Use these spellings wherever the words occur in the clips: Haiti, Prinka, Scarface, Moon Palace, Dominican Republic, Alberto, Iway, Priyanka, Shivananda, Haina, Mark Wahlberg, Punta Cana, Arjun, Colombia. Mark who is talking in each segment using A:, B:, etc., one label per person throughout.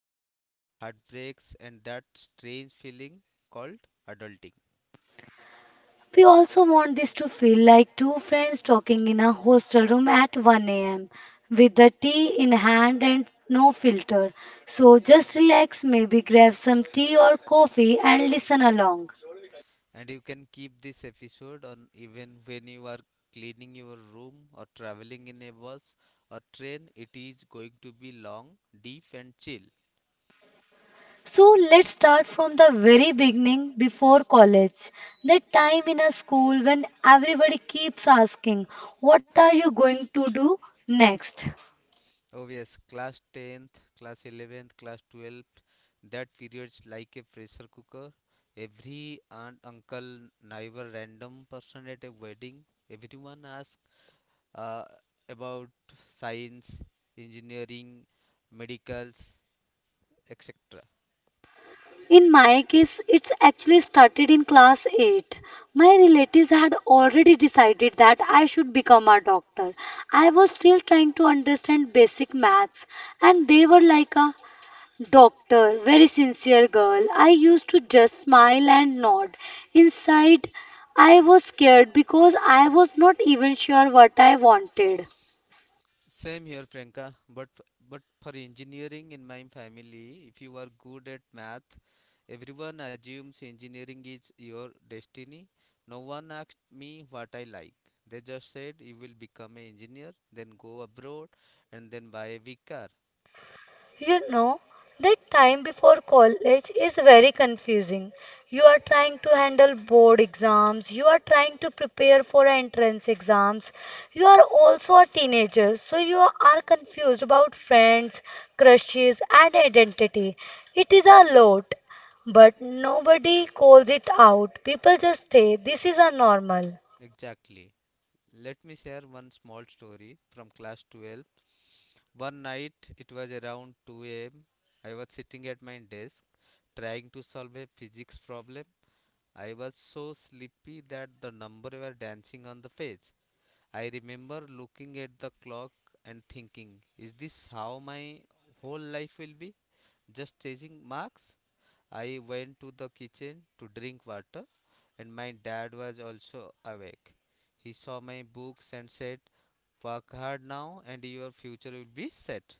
A: friends, heartbreaks, and that strange feeling called adulting.
B: We also want this to feel like two friends talking in a hostel room at 1 a.m. with the tea in hand and no filter. So just relax, maybe grab some tea or coffee and listen along.
A: And you can keep this episode on even when you are cleaning your room or traveling in a bus or train. It is going to be long, deep, and chill.
B: So let's start from the very beginning before college. That time in a school when everybody keeps asking, what are you going to do next?
A: Oh, yes, class 10th, class 11th, class 12th, that period's like a pressure cooker. Every aunt, uncle, neighbor, random person at a wedding, everyone asks uh, about science, engineering, medicals, etc.
B: In my case, it's actually started in class 8. My relatives had already decided that I should become a doctor. I was still trying to understand basic maths, and they were like a doctor, very sincere girl. I used to just smile and nod. Inside, I was scared because I was not even sure what I wanted.
A: Same here, Priyanka. But for engineering in my family, if you are good at math, everyone assumes engineering is your destiny. No one asked me what I like. They just said you will become an engineer, then go abroad, and then buy a big car.
B: You know, that time before college is very confusing. You are trying to handle board exams, you are trying to prepare for entrance exams. You are also a teenager, so you are confused about friends, crushes, and identity. It is a lot, but nobody calls it out. People just say this is a normal.
A: Exactly. Let me share one small story from class 12. One night, it was around 2 a.m. I was sitting at my desk trying to solve a physics problem. I was so sleepy that the numbers were dancing on the page. I remember looking at the clock and thinking, is this how my whole life will be? Just chasing marks? I went to the kitchen to drink water, and my dad was also awake. He saw my books and said, "Work hard now, and your future will be set."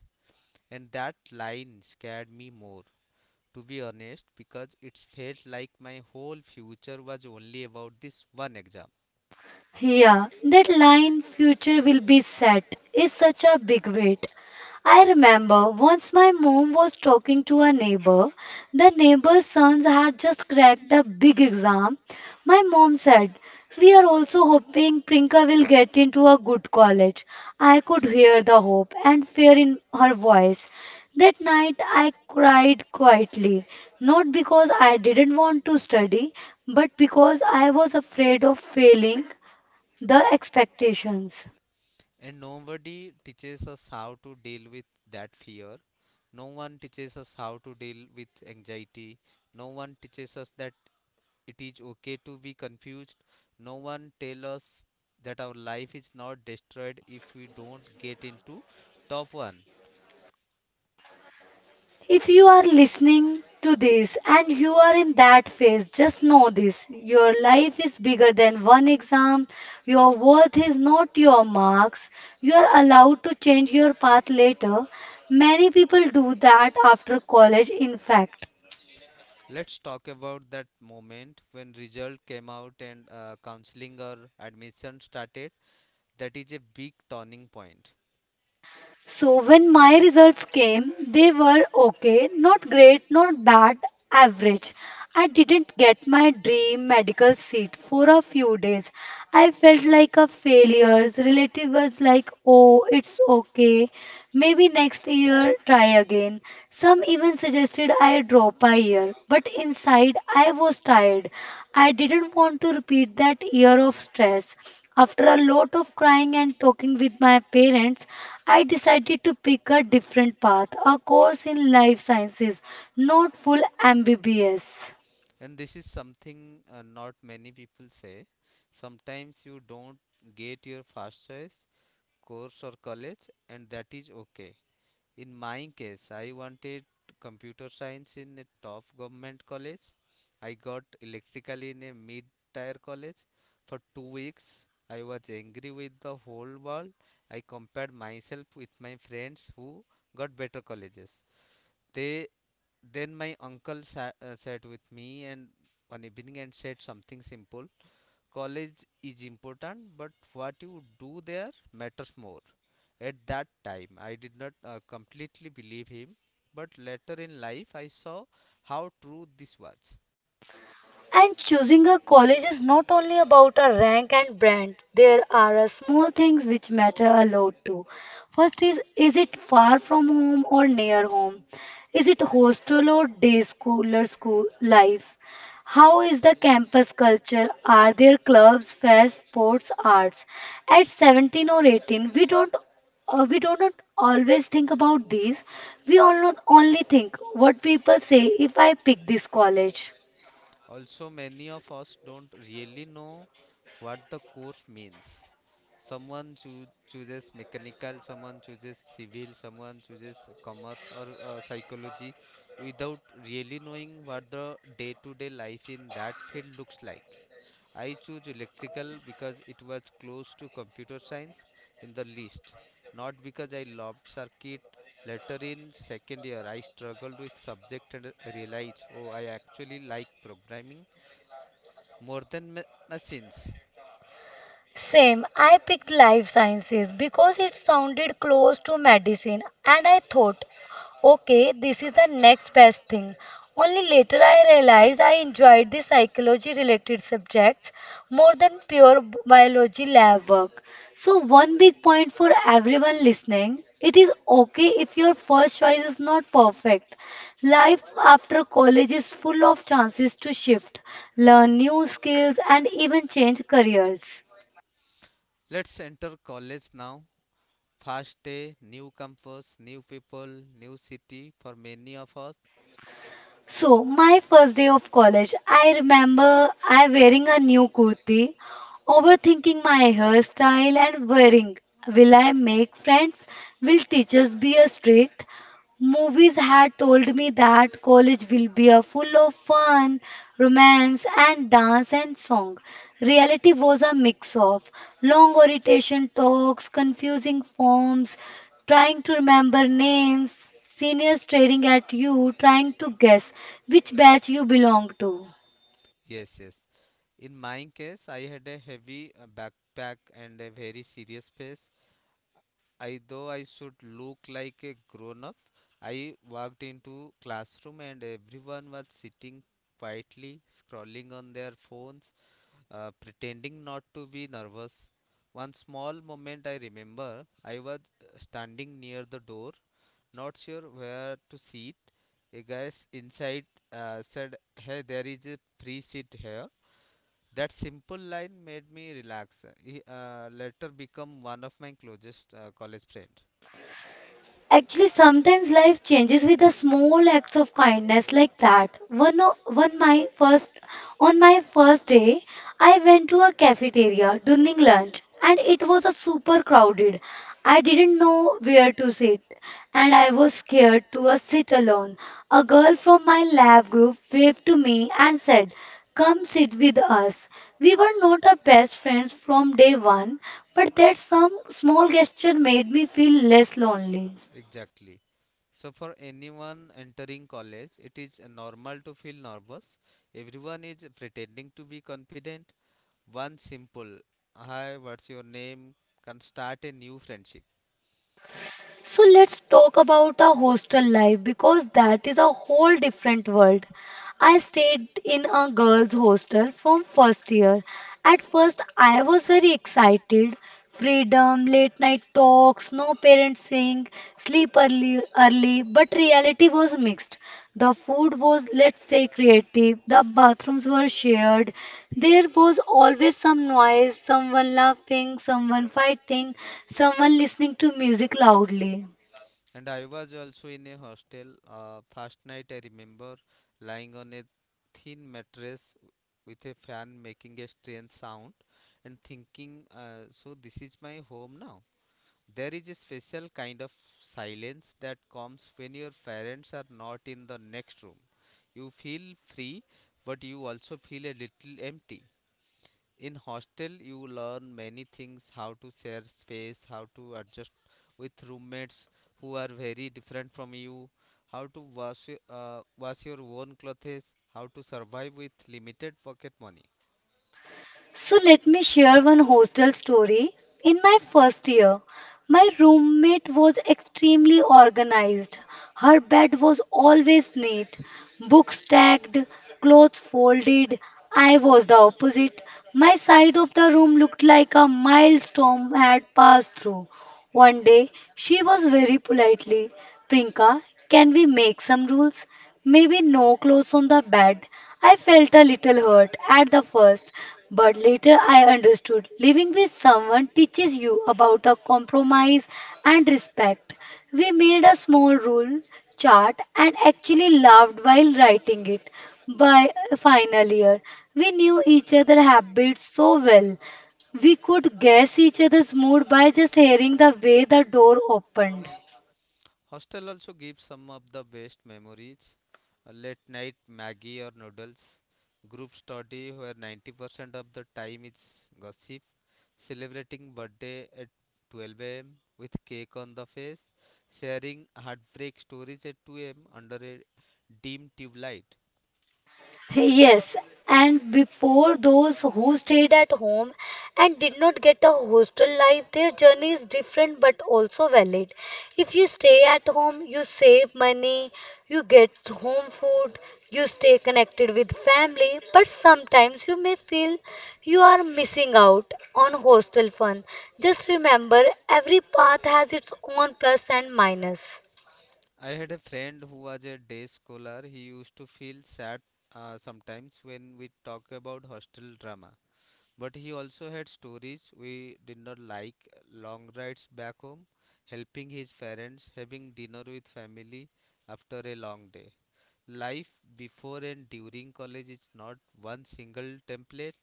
A: And that line scared me more, to be honest, because it felt like my whole future was only about this one exam.
B: Yeah, that line future will be set is such a big weight. I remember once my mom was talking to a neighbor. The neighbor's sons had just cracked a big exam. My mom said, we are also hoping Prinka will get into a good college. I could hear the hope and fear in her voice. That night I cried quietly, not because I didn't want to study, but because I was afraid of failing the expectations.
A: And nobody teaches us how to deal with that fear. No one teaches us how to deal with anxiety. No one teaches us that it is okay to be confused. No one tells us that our life is not destroyed if we don't get into top one.
B: If you are listening to this and you are in that phase, just know this. Your life is bigger than one exam. Your worth is not your marks. You are allowed to change your path later. Many people do that after college, in fact.
A: Let's talk about that moment when result came out and counseling or admission started. That is a big turning point,
B: So when my results came, they were okay, not great, not bad, average. I didn't get my dream medical seat for a few days. I felt like a failure. Relatives was like, "Oh, it's okay. Maybe next year try again." Some even suggested I drop a year, but inside I was tired. I didn't want to repeat that year of stress. After a lot of crying and talking with my parents, I decided to pick a different path, a course in life sciences, not full MBBS.
A: and this is something, not many people say, sometimes you don't get your first choice course or college, and that is okay. In my case, I wanted computer science in a top government college. I got electrical in a mid tier college. For 2 weeks I was angry with the whole world. I compared myself with my friends who got better colleges. They Then my uncle sat, sat with me and one evening and said something simple. College is important, but what you do there matters more. At that time, I did not completely believe him, but later in life, I saw how true this was.
B: And choosing a college is not only about a rank and brand. There are a small things which matter a lot too. First is it far from home or near home? Is it hostel or day school or school life? How is the campus culture? Are there clubs, fairs, sports, arts? At 17 or 18, we don't we do not always think about these. We all not only think what people say if I pick this college.
A: Also, many of us don't really know what the course means. Someone chooses mechanical, someone chooses civil, someone chooses commerce or psychology without really knowing what the day to day life in that field looks like. I choose electrical because it was close to computer science in the least, not because I loved circuit. Later in second year, I struggled with subject and realized, oh, I actually like programming more than machines.
B: Same, I picked life sciences because it sounded close to medicine, and I thought, okay, this is the next best thing. Only later I realized I enjoyed the psychology related subjects more than pure biology lab work. So, one big point for everyone listening it is okay if your first choice is not perfect. Life after college is full of chances to shift, learn new skills, and even change careers.
A: Let's enter college now. First day, new campus, new people, new city for many of us.
B: So my first day of college, I remember I wearing a new kurti, overthinking my hairstyle and wearing. Will I make friends? Will teachers be a strict? Movies had told me that college will be a full of fun, romance, and dance and song. Reality was a mix of long orientation talks, confusing forms, trying to remember names, seniors staring at you, trying to guess which batch you belong to.
A: Yes, yes. In my case, I had a heavy backpack and a very serious face. I though I should look like a grown up. I walked into classroom and everyone was sitting quietly, scrolling on their phones, pretending not to be nervous. One small moment I remember, I was standing near the door, not sure where to sit. A guy inside said, "Hey, there is a free seat here." That simple line made me relax. He later became one of my closest college friends.
B: Actually, sometimes life changes with the small acts of kindness like that. One, o- one my first, On my first day, I went to a cafeteria during lunch, and it was a super crowded. I didn't know where to sit, and I was scared to sit alone. A girl from my lab group waved to me and said, "Come sit with us." We were not a best friends from day one, but that some small gesture made me feel less lonely.
A: Exactly. So for anyone entering college, it is normal to feel nervous. Everyone is pretending to be confident. One simple "hi, what's your name" can start a new friendship.
B: So let's talk about our hostel life because that is a whole different world. I stayed in a girls' hostel from first year. At first, I was very excited. Freedom, late night talks, no parents saying sleep early, early. But reality was mixed. The food was, let's say, creative. The bathrooms were shared. There was always some noise, someone laughing, someone fighting, someone listening to music loudly.
A: And I was also in a hostel. First night I remember lying on a thin mattress with a fan making a strange sound and thinking, so this is my home now. There is a special kind of silence that comes when your parents are not in the next room. You feel free, but you also feel a little empty. In hostel, you learn many things: how to share space, how to adjust with roommates who are very different from you, how to wash your own clothes, how to survive with limited pocket money.
B: So let me share one hostel story. In my first year, my roommate was extremely organized. Her bed was always neat, books stacked, clothes folded. I was the opposite. My side of the room looked like a mild storm had passed through. One day, she was very politely, Prinka, can we make some rules? Maybe no clothes on the bed. I felt a little hurt at the first, but later I understood living with someone teaches you about a compromise and respect. We made a small rule chart and actually laughed while writing it. By final year, we knew each other's habits so well. We could guess each other's mood by just hearing the way the door opened.
A: Hostel also gives some of the best memories. A late night Maggie or noodles, group study where 90% of the time is gossip, celebrating birthday at 12 a.m. with cake on the face, sharing heartbreak stories at 2 a.m. under a dim tube light.
B: Yes, and before those who stayed at home and did not get a hostel life, their journey is different but also valid. If you stay at home, you save money, you get home food, you stay connected with family, but sometimes you may feel you are missing out on hostel fun. Just remember, every path has its own plus and minus.
A: I had a friend who was a day scholar. He used to feel sad sometimes when we talk about hostel drama. But he also had stories we did not, like long rides back home, helping his parents, having dinner with family after a long day. Life before and during college is not one single template.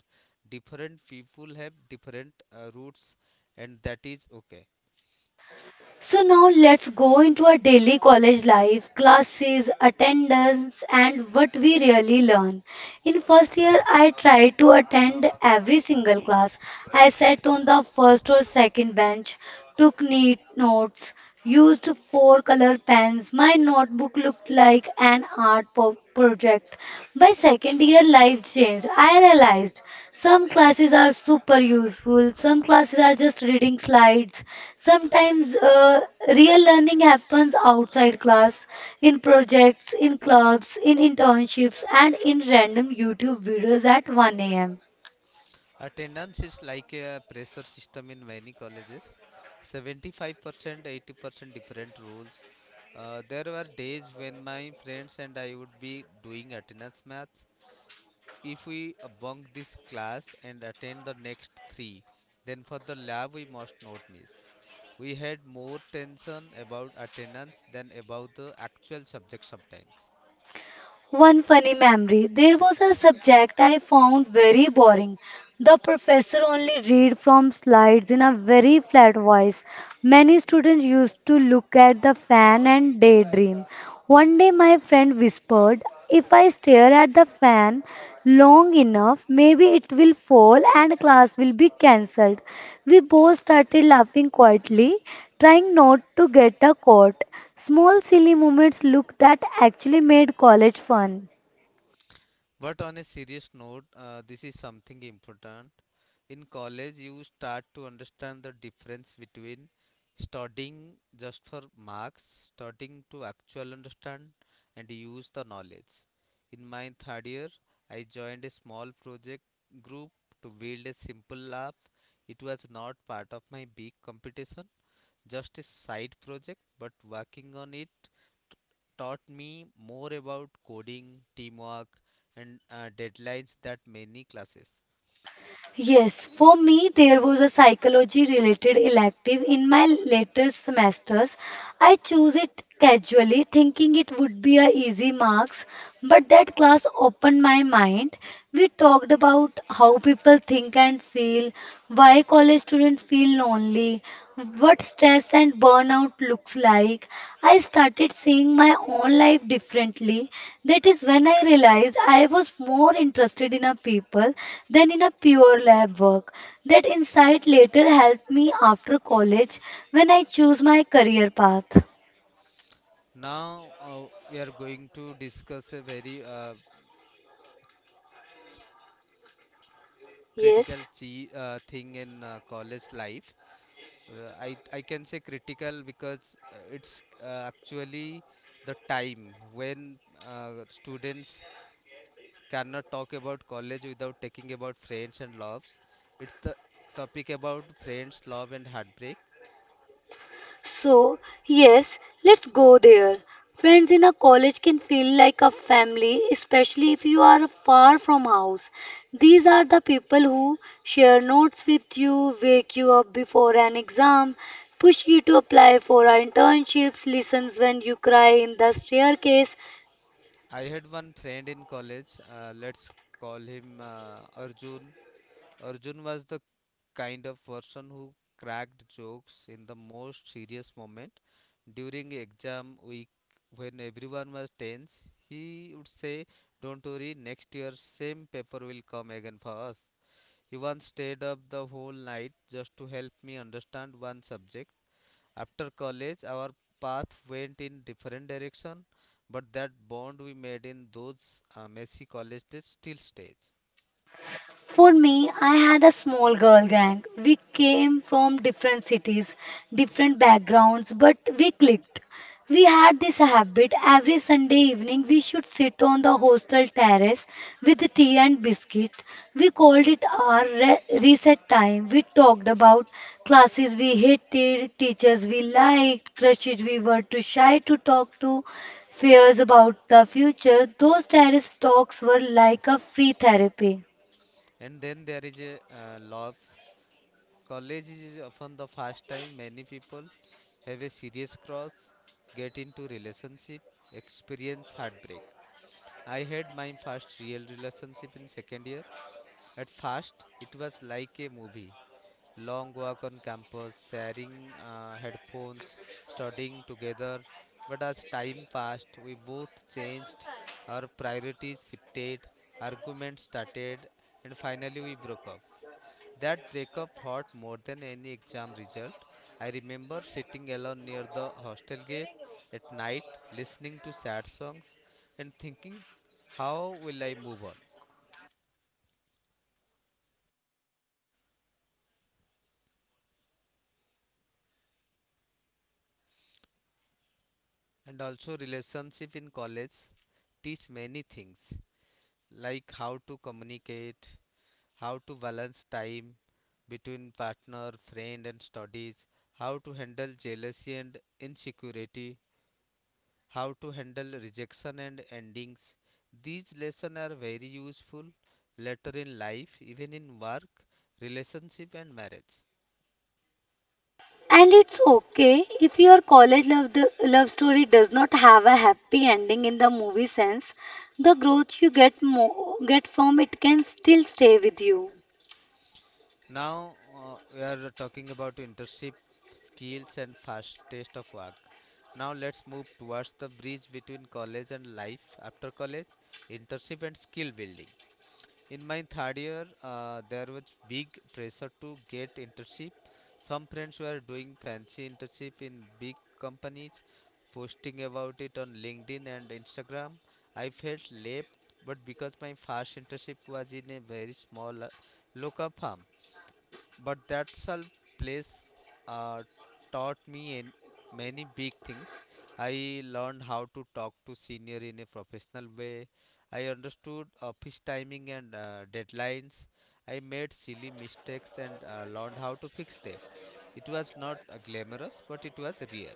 A: Different people have different routes, and that is okay.
B: So now let's go into our daily college life, classes, attendance, and what we really learn. In first year, I tried to attend every single class. I sat on the first or second bench, took neat notes, used four color pens. My notebook looked like an art project. By second year, life changed. I realized some classes are super useful, some classes are just reading slides. Sometimes real learning happens outside class, in projects, in clubs, in internships, and in random YouTube videos at 1 a.m.
A: Attendance is like a pressure system in many colleges. 75%, 80%, different rules. There were days when my friends and I would be doing attendance maths. If we bunk this class and attend the next three, then for the lab we must not miss. We had more tension about attendance than about the actual subject sometimes.
B: One funny memory. There was a subject I found very boring. The professor only read from slides in a very flat voice. Many students used to look at the fan and daydream. One day my friend whispered, if I stare at the fan long enough, maybe it will fall and class will be cancelled." We both started laughing quietly, trying not to get a caught. Small silly moments look that actually made college fun.
A: But on a serious note, this is something important. In college, you start to understand the difference between studying just for marks, studying to actual understand and use the knowledge. In my third year, I joined a small project group to build a simple app. It was not part of my big competition, just a side project, but working on it t- taught me more about coding, teamwork, and deadlines that many classes.
B: Yes, for me, there was a psychology related elective in my later semesters. I chose it casually, thinking it would be a easy marks, but that class opened my mind. We talked about how people think and feel, why college students feel lonely exactly what stress and burnout looks like, I started seeing my own life differently. That is when I realized I was more interested in a people than in a pure lab work. That insight later helped me after college when I chose my career path.
A: Now we are going to discuss a very critical
B: Yes.
A: thing in college life. I can say critical because it's actually the time when students cannot talk about college without talking about friends and loves. It's the topic about friends, love, and heartbreak.
B: So, yes, let's go there. Friends in a college can feel like a family, especially if you are far from house. These are the people who share notes with you, wake you up before an exam, push you to apply for internships, listens when you cry in the staircase.
A: I had one friend in college. Let's call him Arjun. Arjun was the kind of person who cracked jokes in the most serious moment. During exam week when everyone was tense, he would say, "Don't worry, next year same paper will come again for us." He once stayed up the whole night just to help me understand one subject. After college, our path went in different direction, but that bond we made in those messy college days still stays.
B: For me, I had a small girl gang. We came from different cities, different backgrounds, but we clicked. We had this habit every Sunday evening we should sit on the hostel terrace with tea and biscuit. We called it our reset time. We talked about classes we hated, teachers we liked, crushes we were too shy to talk to, fears about the future. Those terrace talks were like a free therapy.
A: And then there is a love. College is often the first time many people have a serious cross, get into relationship, experience heartbreak. I had my first real relationship in second year. At first, it was like a movie. Long walk on campus, sharing headphones, studying together. But as time passed, we both changed, our priorities shifted, arguments started, and finally we broke up. That breakup hurt more than any exam result. I remember sitting alone near the hostel gate at night, listening to sad songs, and thinking, how will I move on? And also, relationship in college teach many things, like how to communicate, how to balance time between partner, friend, and studies, how to handle jealousy and insecurity, how to handle rejection and endings. These lessons are very useful later in life, even in work, relationship, and marriage.
B: And it's okay if your college love, the, love story does not have a happy ending in the movie sense. The growth you get from it can still stay with you.
A: Now we are talking about internship skills and fast taste of work. Now let's move towards the bridge between college and life after college, internship and skill building. In my third year, there was big pressure to get internship. Some friends were doing fancy internship in big companies, posting about it on LinkedIn and Instagram. I felt left, but because my first internship was in a very small local firm, but that self place uh, taught me in many big things. I learned how to talk to senior in a professional way. I understood office timing and deadlines. I made silly mistakes and learned how to fix them. It was not glamorous, but it was real.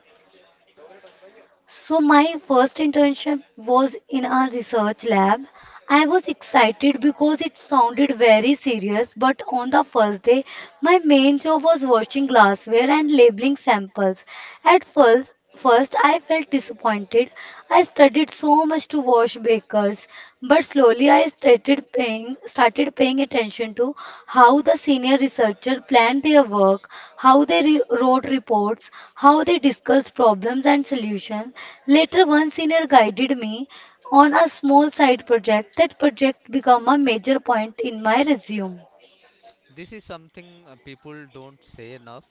B: So my first internship was in a research lab. I was excited because it sounded very serious, but on the first day, my main job was washing glassware and labeling samples. At first, I felt disappointed. I studied so much to wash bakers, but slowly started paying attention to how the senior researcher planned their work, how they wrote reports, how they discussed problems and solutions. Later, one senior guided me on a small side project. That project became a major point in my resume.
A: This is something people don't say enough.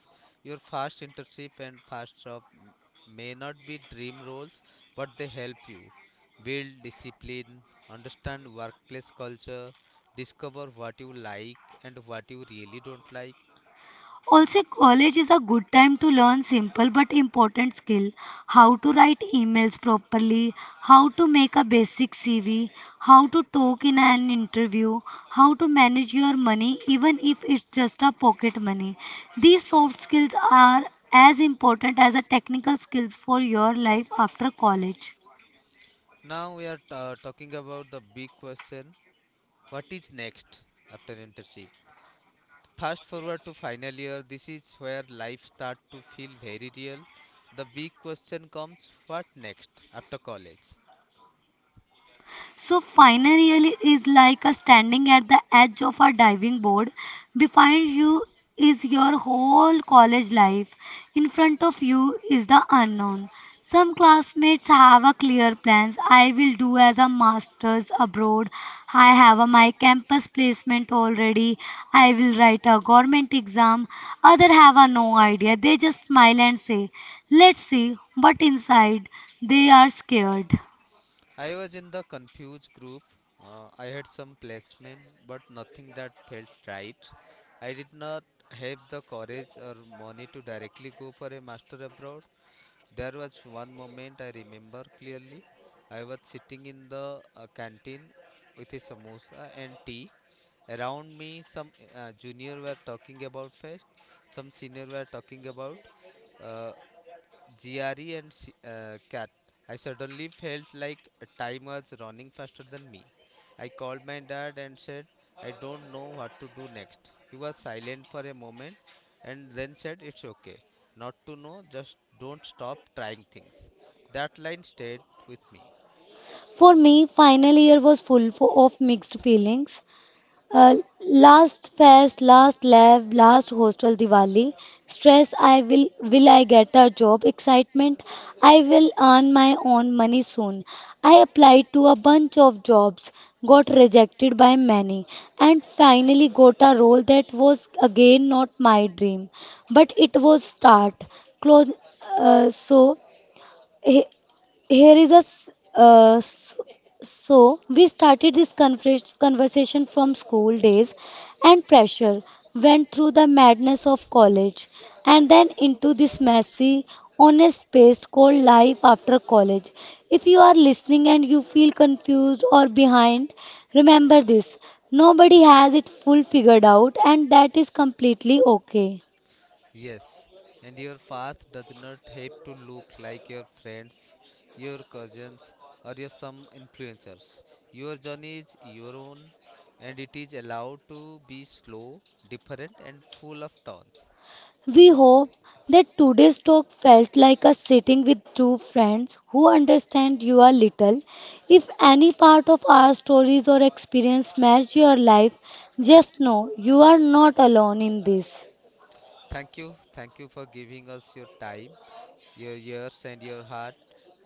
A: Your fast internship and fast job may not be dream roles, but they help you build discipline, understand workplace culture, discover what you like and what you really don't like.
B: Also, college is a good time to learn simple but important skill, how to write emails properly, how to make a basic CV, how to talk in an interview, how to manage your money even if it's just a pocket money. These soft skills are as important as the technical skills for your life after college.
A: Now we are talking about the big question, what is next after internship? Fast forward to final year, this is where life starts to feel very real. The big question comes, what next after college?
B: So finally really is like a standing at the edge of a diving board. Behind you is your whole college life. In front of you is the unknown. Some classmates have a clear plans. I will do as a master's abroad. I have a, my campus placement already. I will write a government exam. Other have a no idea. They just smile and say, "Let's see." But inside, they are scared.
A: I was in the confused group. I had some placement, but nothing that felt right. I did not have the courage or money to directly go for a master abroad. There was one moment I remember clearly. I was sitting in the canteen with a samosa and tea. Around me, some junior were talking about fest, some senior were talking about. Uh, Jerry and Cat, I suddenly felt like time was running faster than me. I called my dad and said, I don't know what to do next. He was silent for a moment and then said, It's okay. Not to know, just don't stop trying things. That line stayed with me.
B: For me, final year was full of mixed feelings. Uh, last fest, last lab, last hostel Diwali. Stress, I will I get a job? Excitement, I will earn my own money soon. I applied to a bunch of jobs, got rejected by many, and finally got a role that was again not my dream, but it was start. Close, so here is a s- s- so we started this conversation from school days and pressure, went through the madness of college and then into this messy honest space called life after college. If you are listening and you feel confused or behind, remember this. Nobody has it full figured out and that is completely okay.
A: Yes, and your path does not have to look like your friends, your cousins, or your some influencers. Your journey is your own, and it is allowed to be slow, different, and full of turns.
B: We hope that today's talk felt like a sitting with two friends who understand you a little. If any part of our stories or experience matched your life, just know you are not alone in this.
A: Thank you for giving us your time, your ears, and your heart.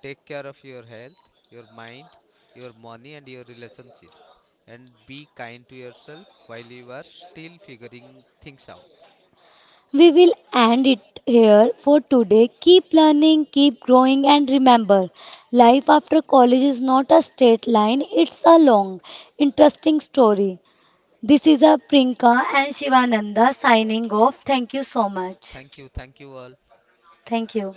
A: Take care of your health, your mind, your money, and your relationships, and be kind to yourself while you are still figuring things out.
B: We will end it here for today. Keep learning, keep growing, and remember life after college is not a straight line, it's a long, interesting story. This is a Prinka and Shivananda signing off. Thank you so much.
A: Thank you. Thank you all.
B: Thank you.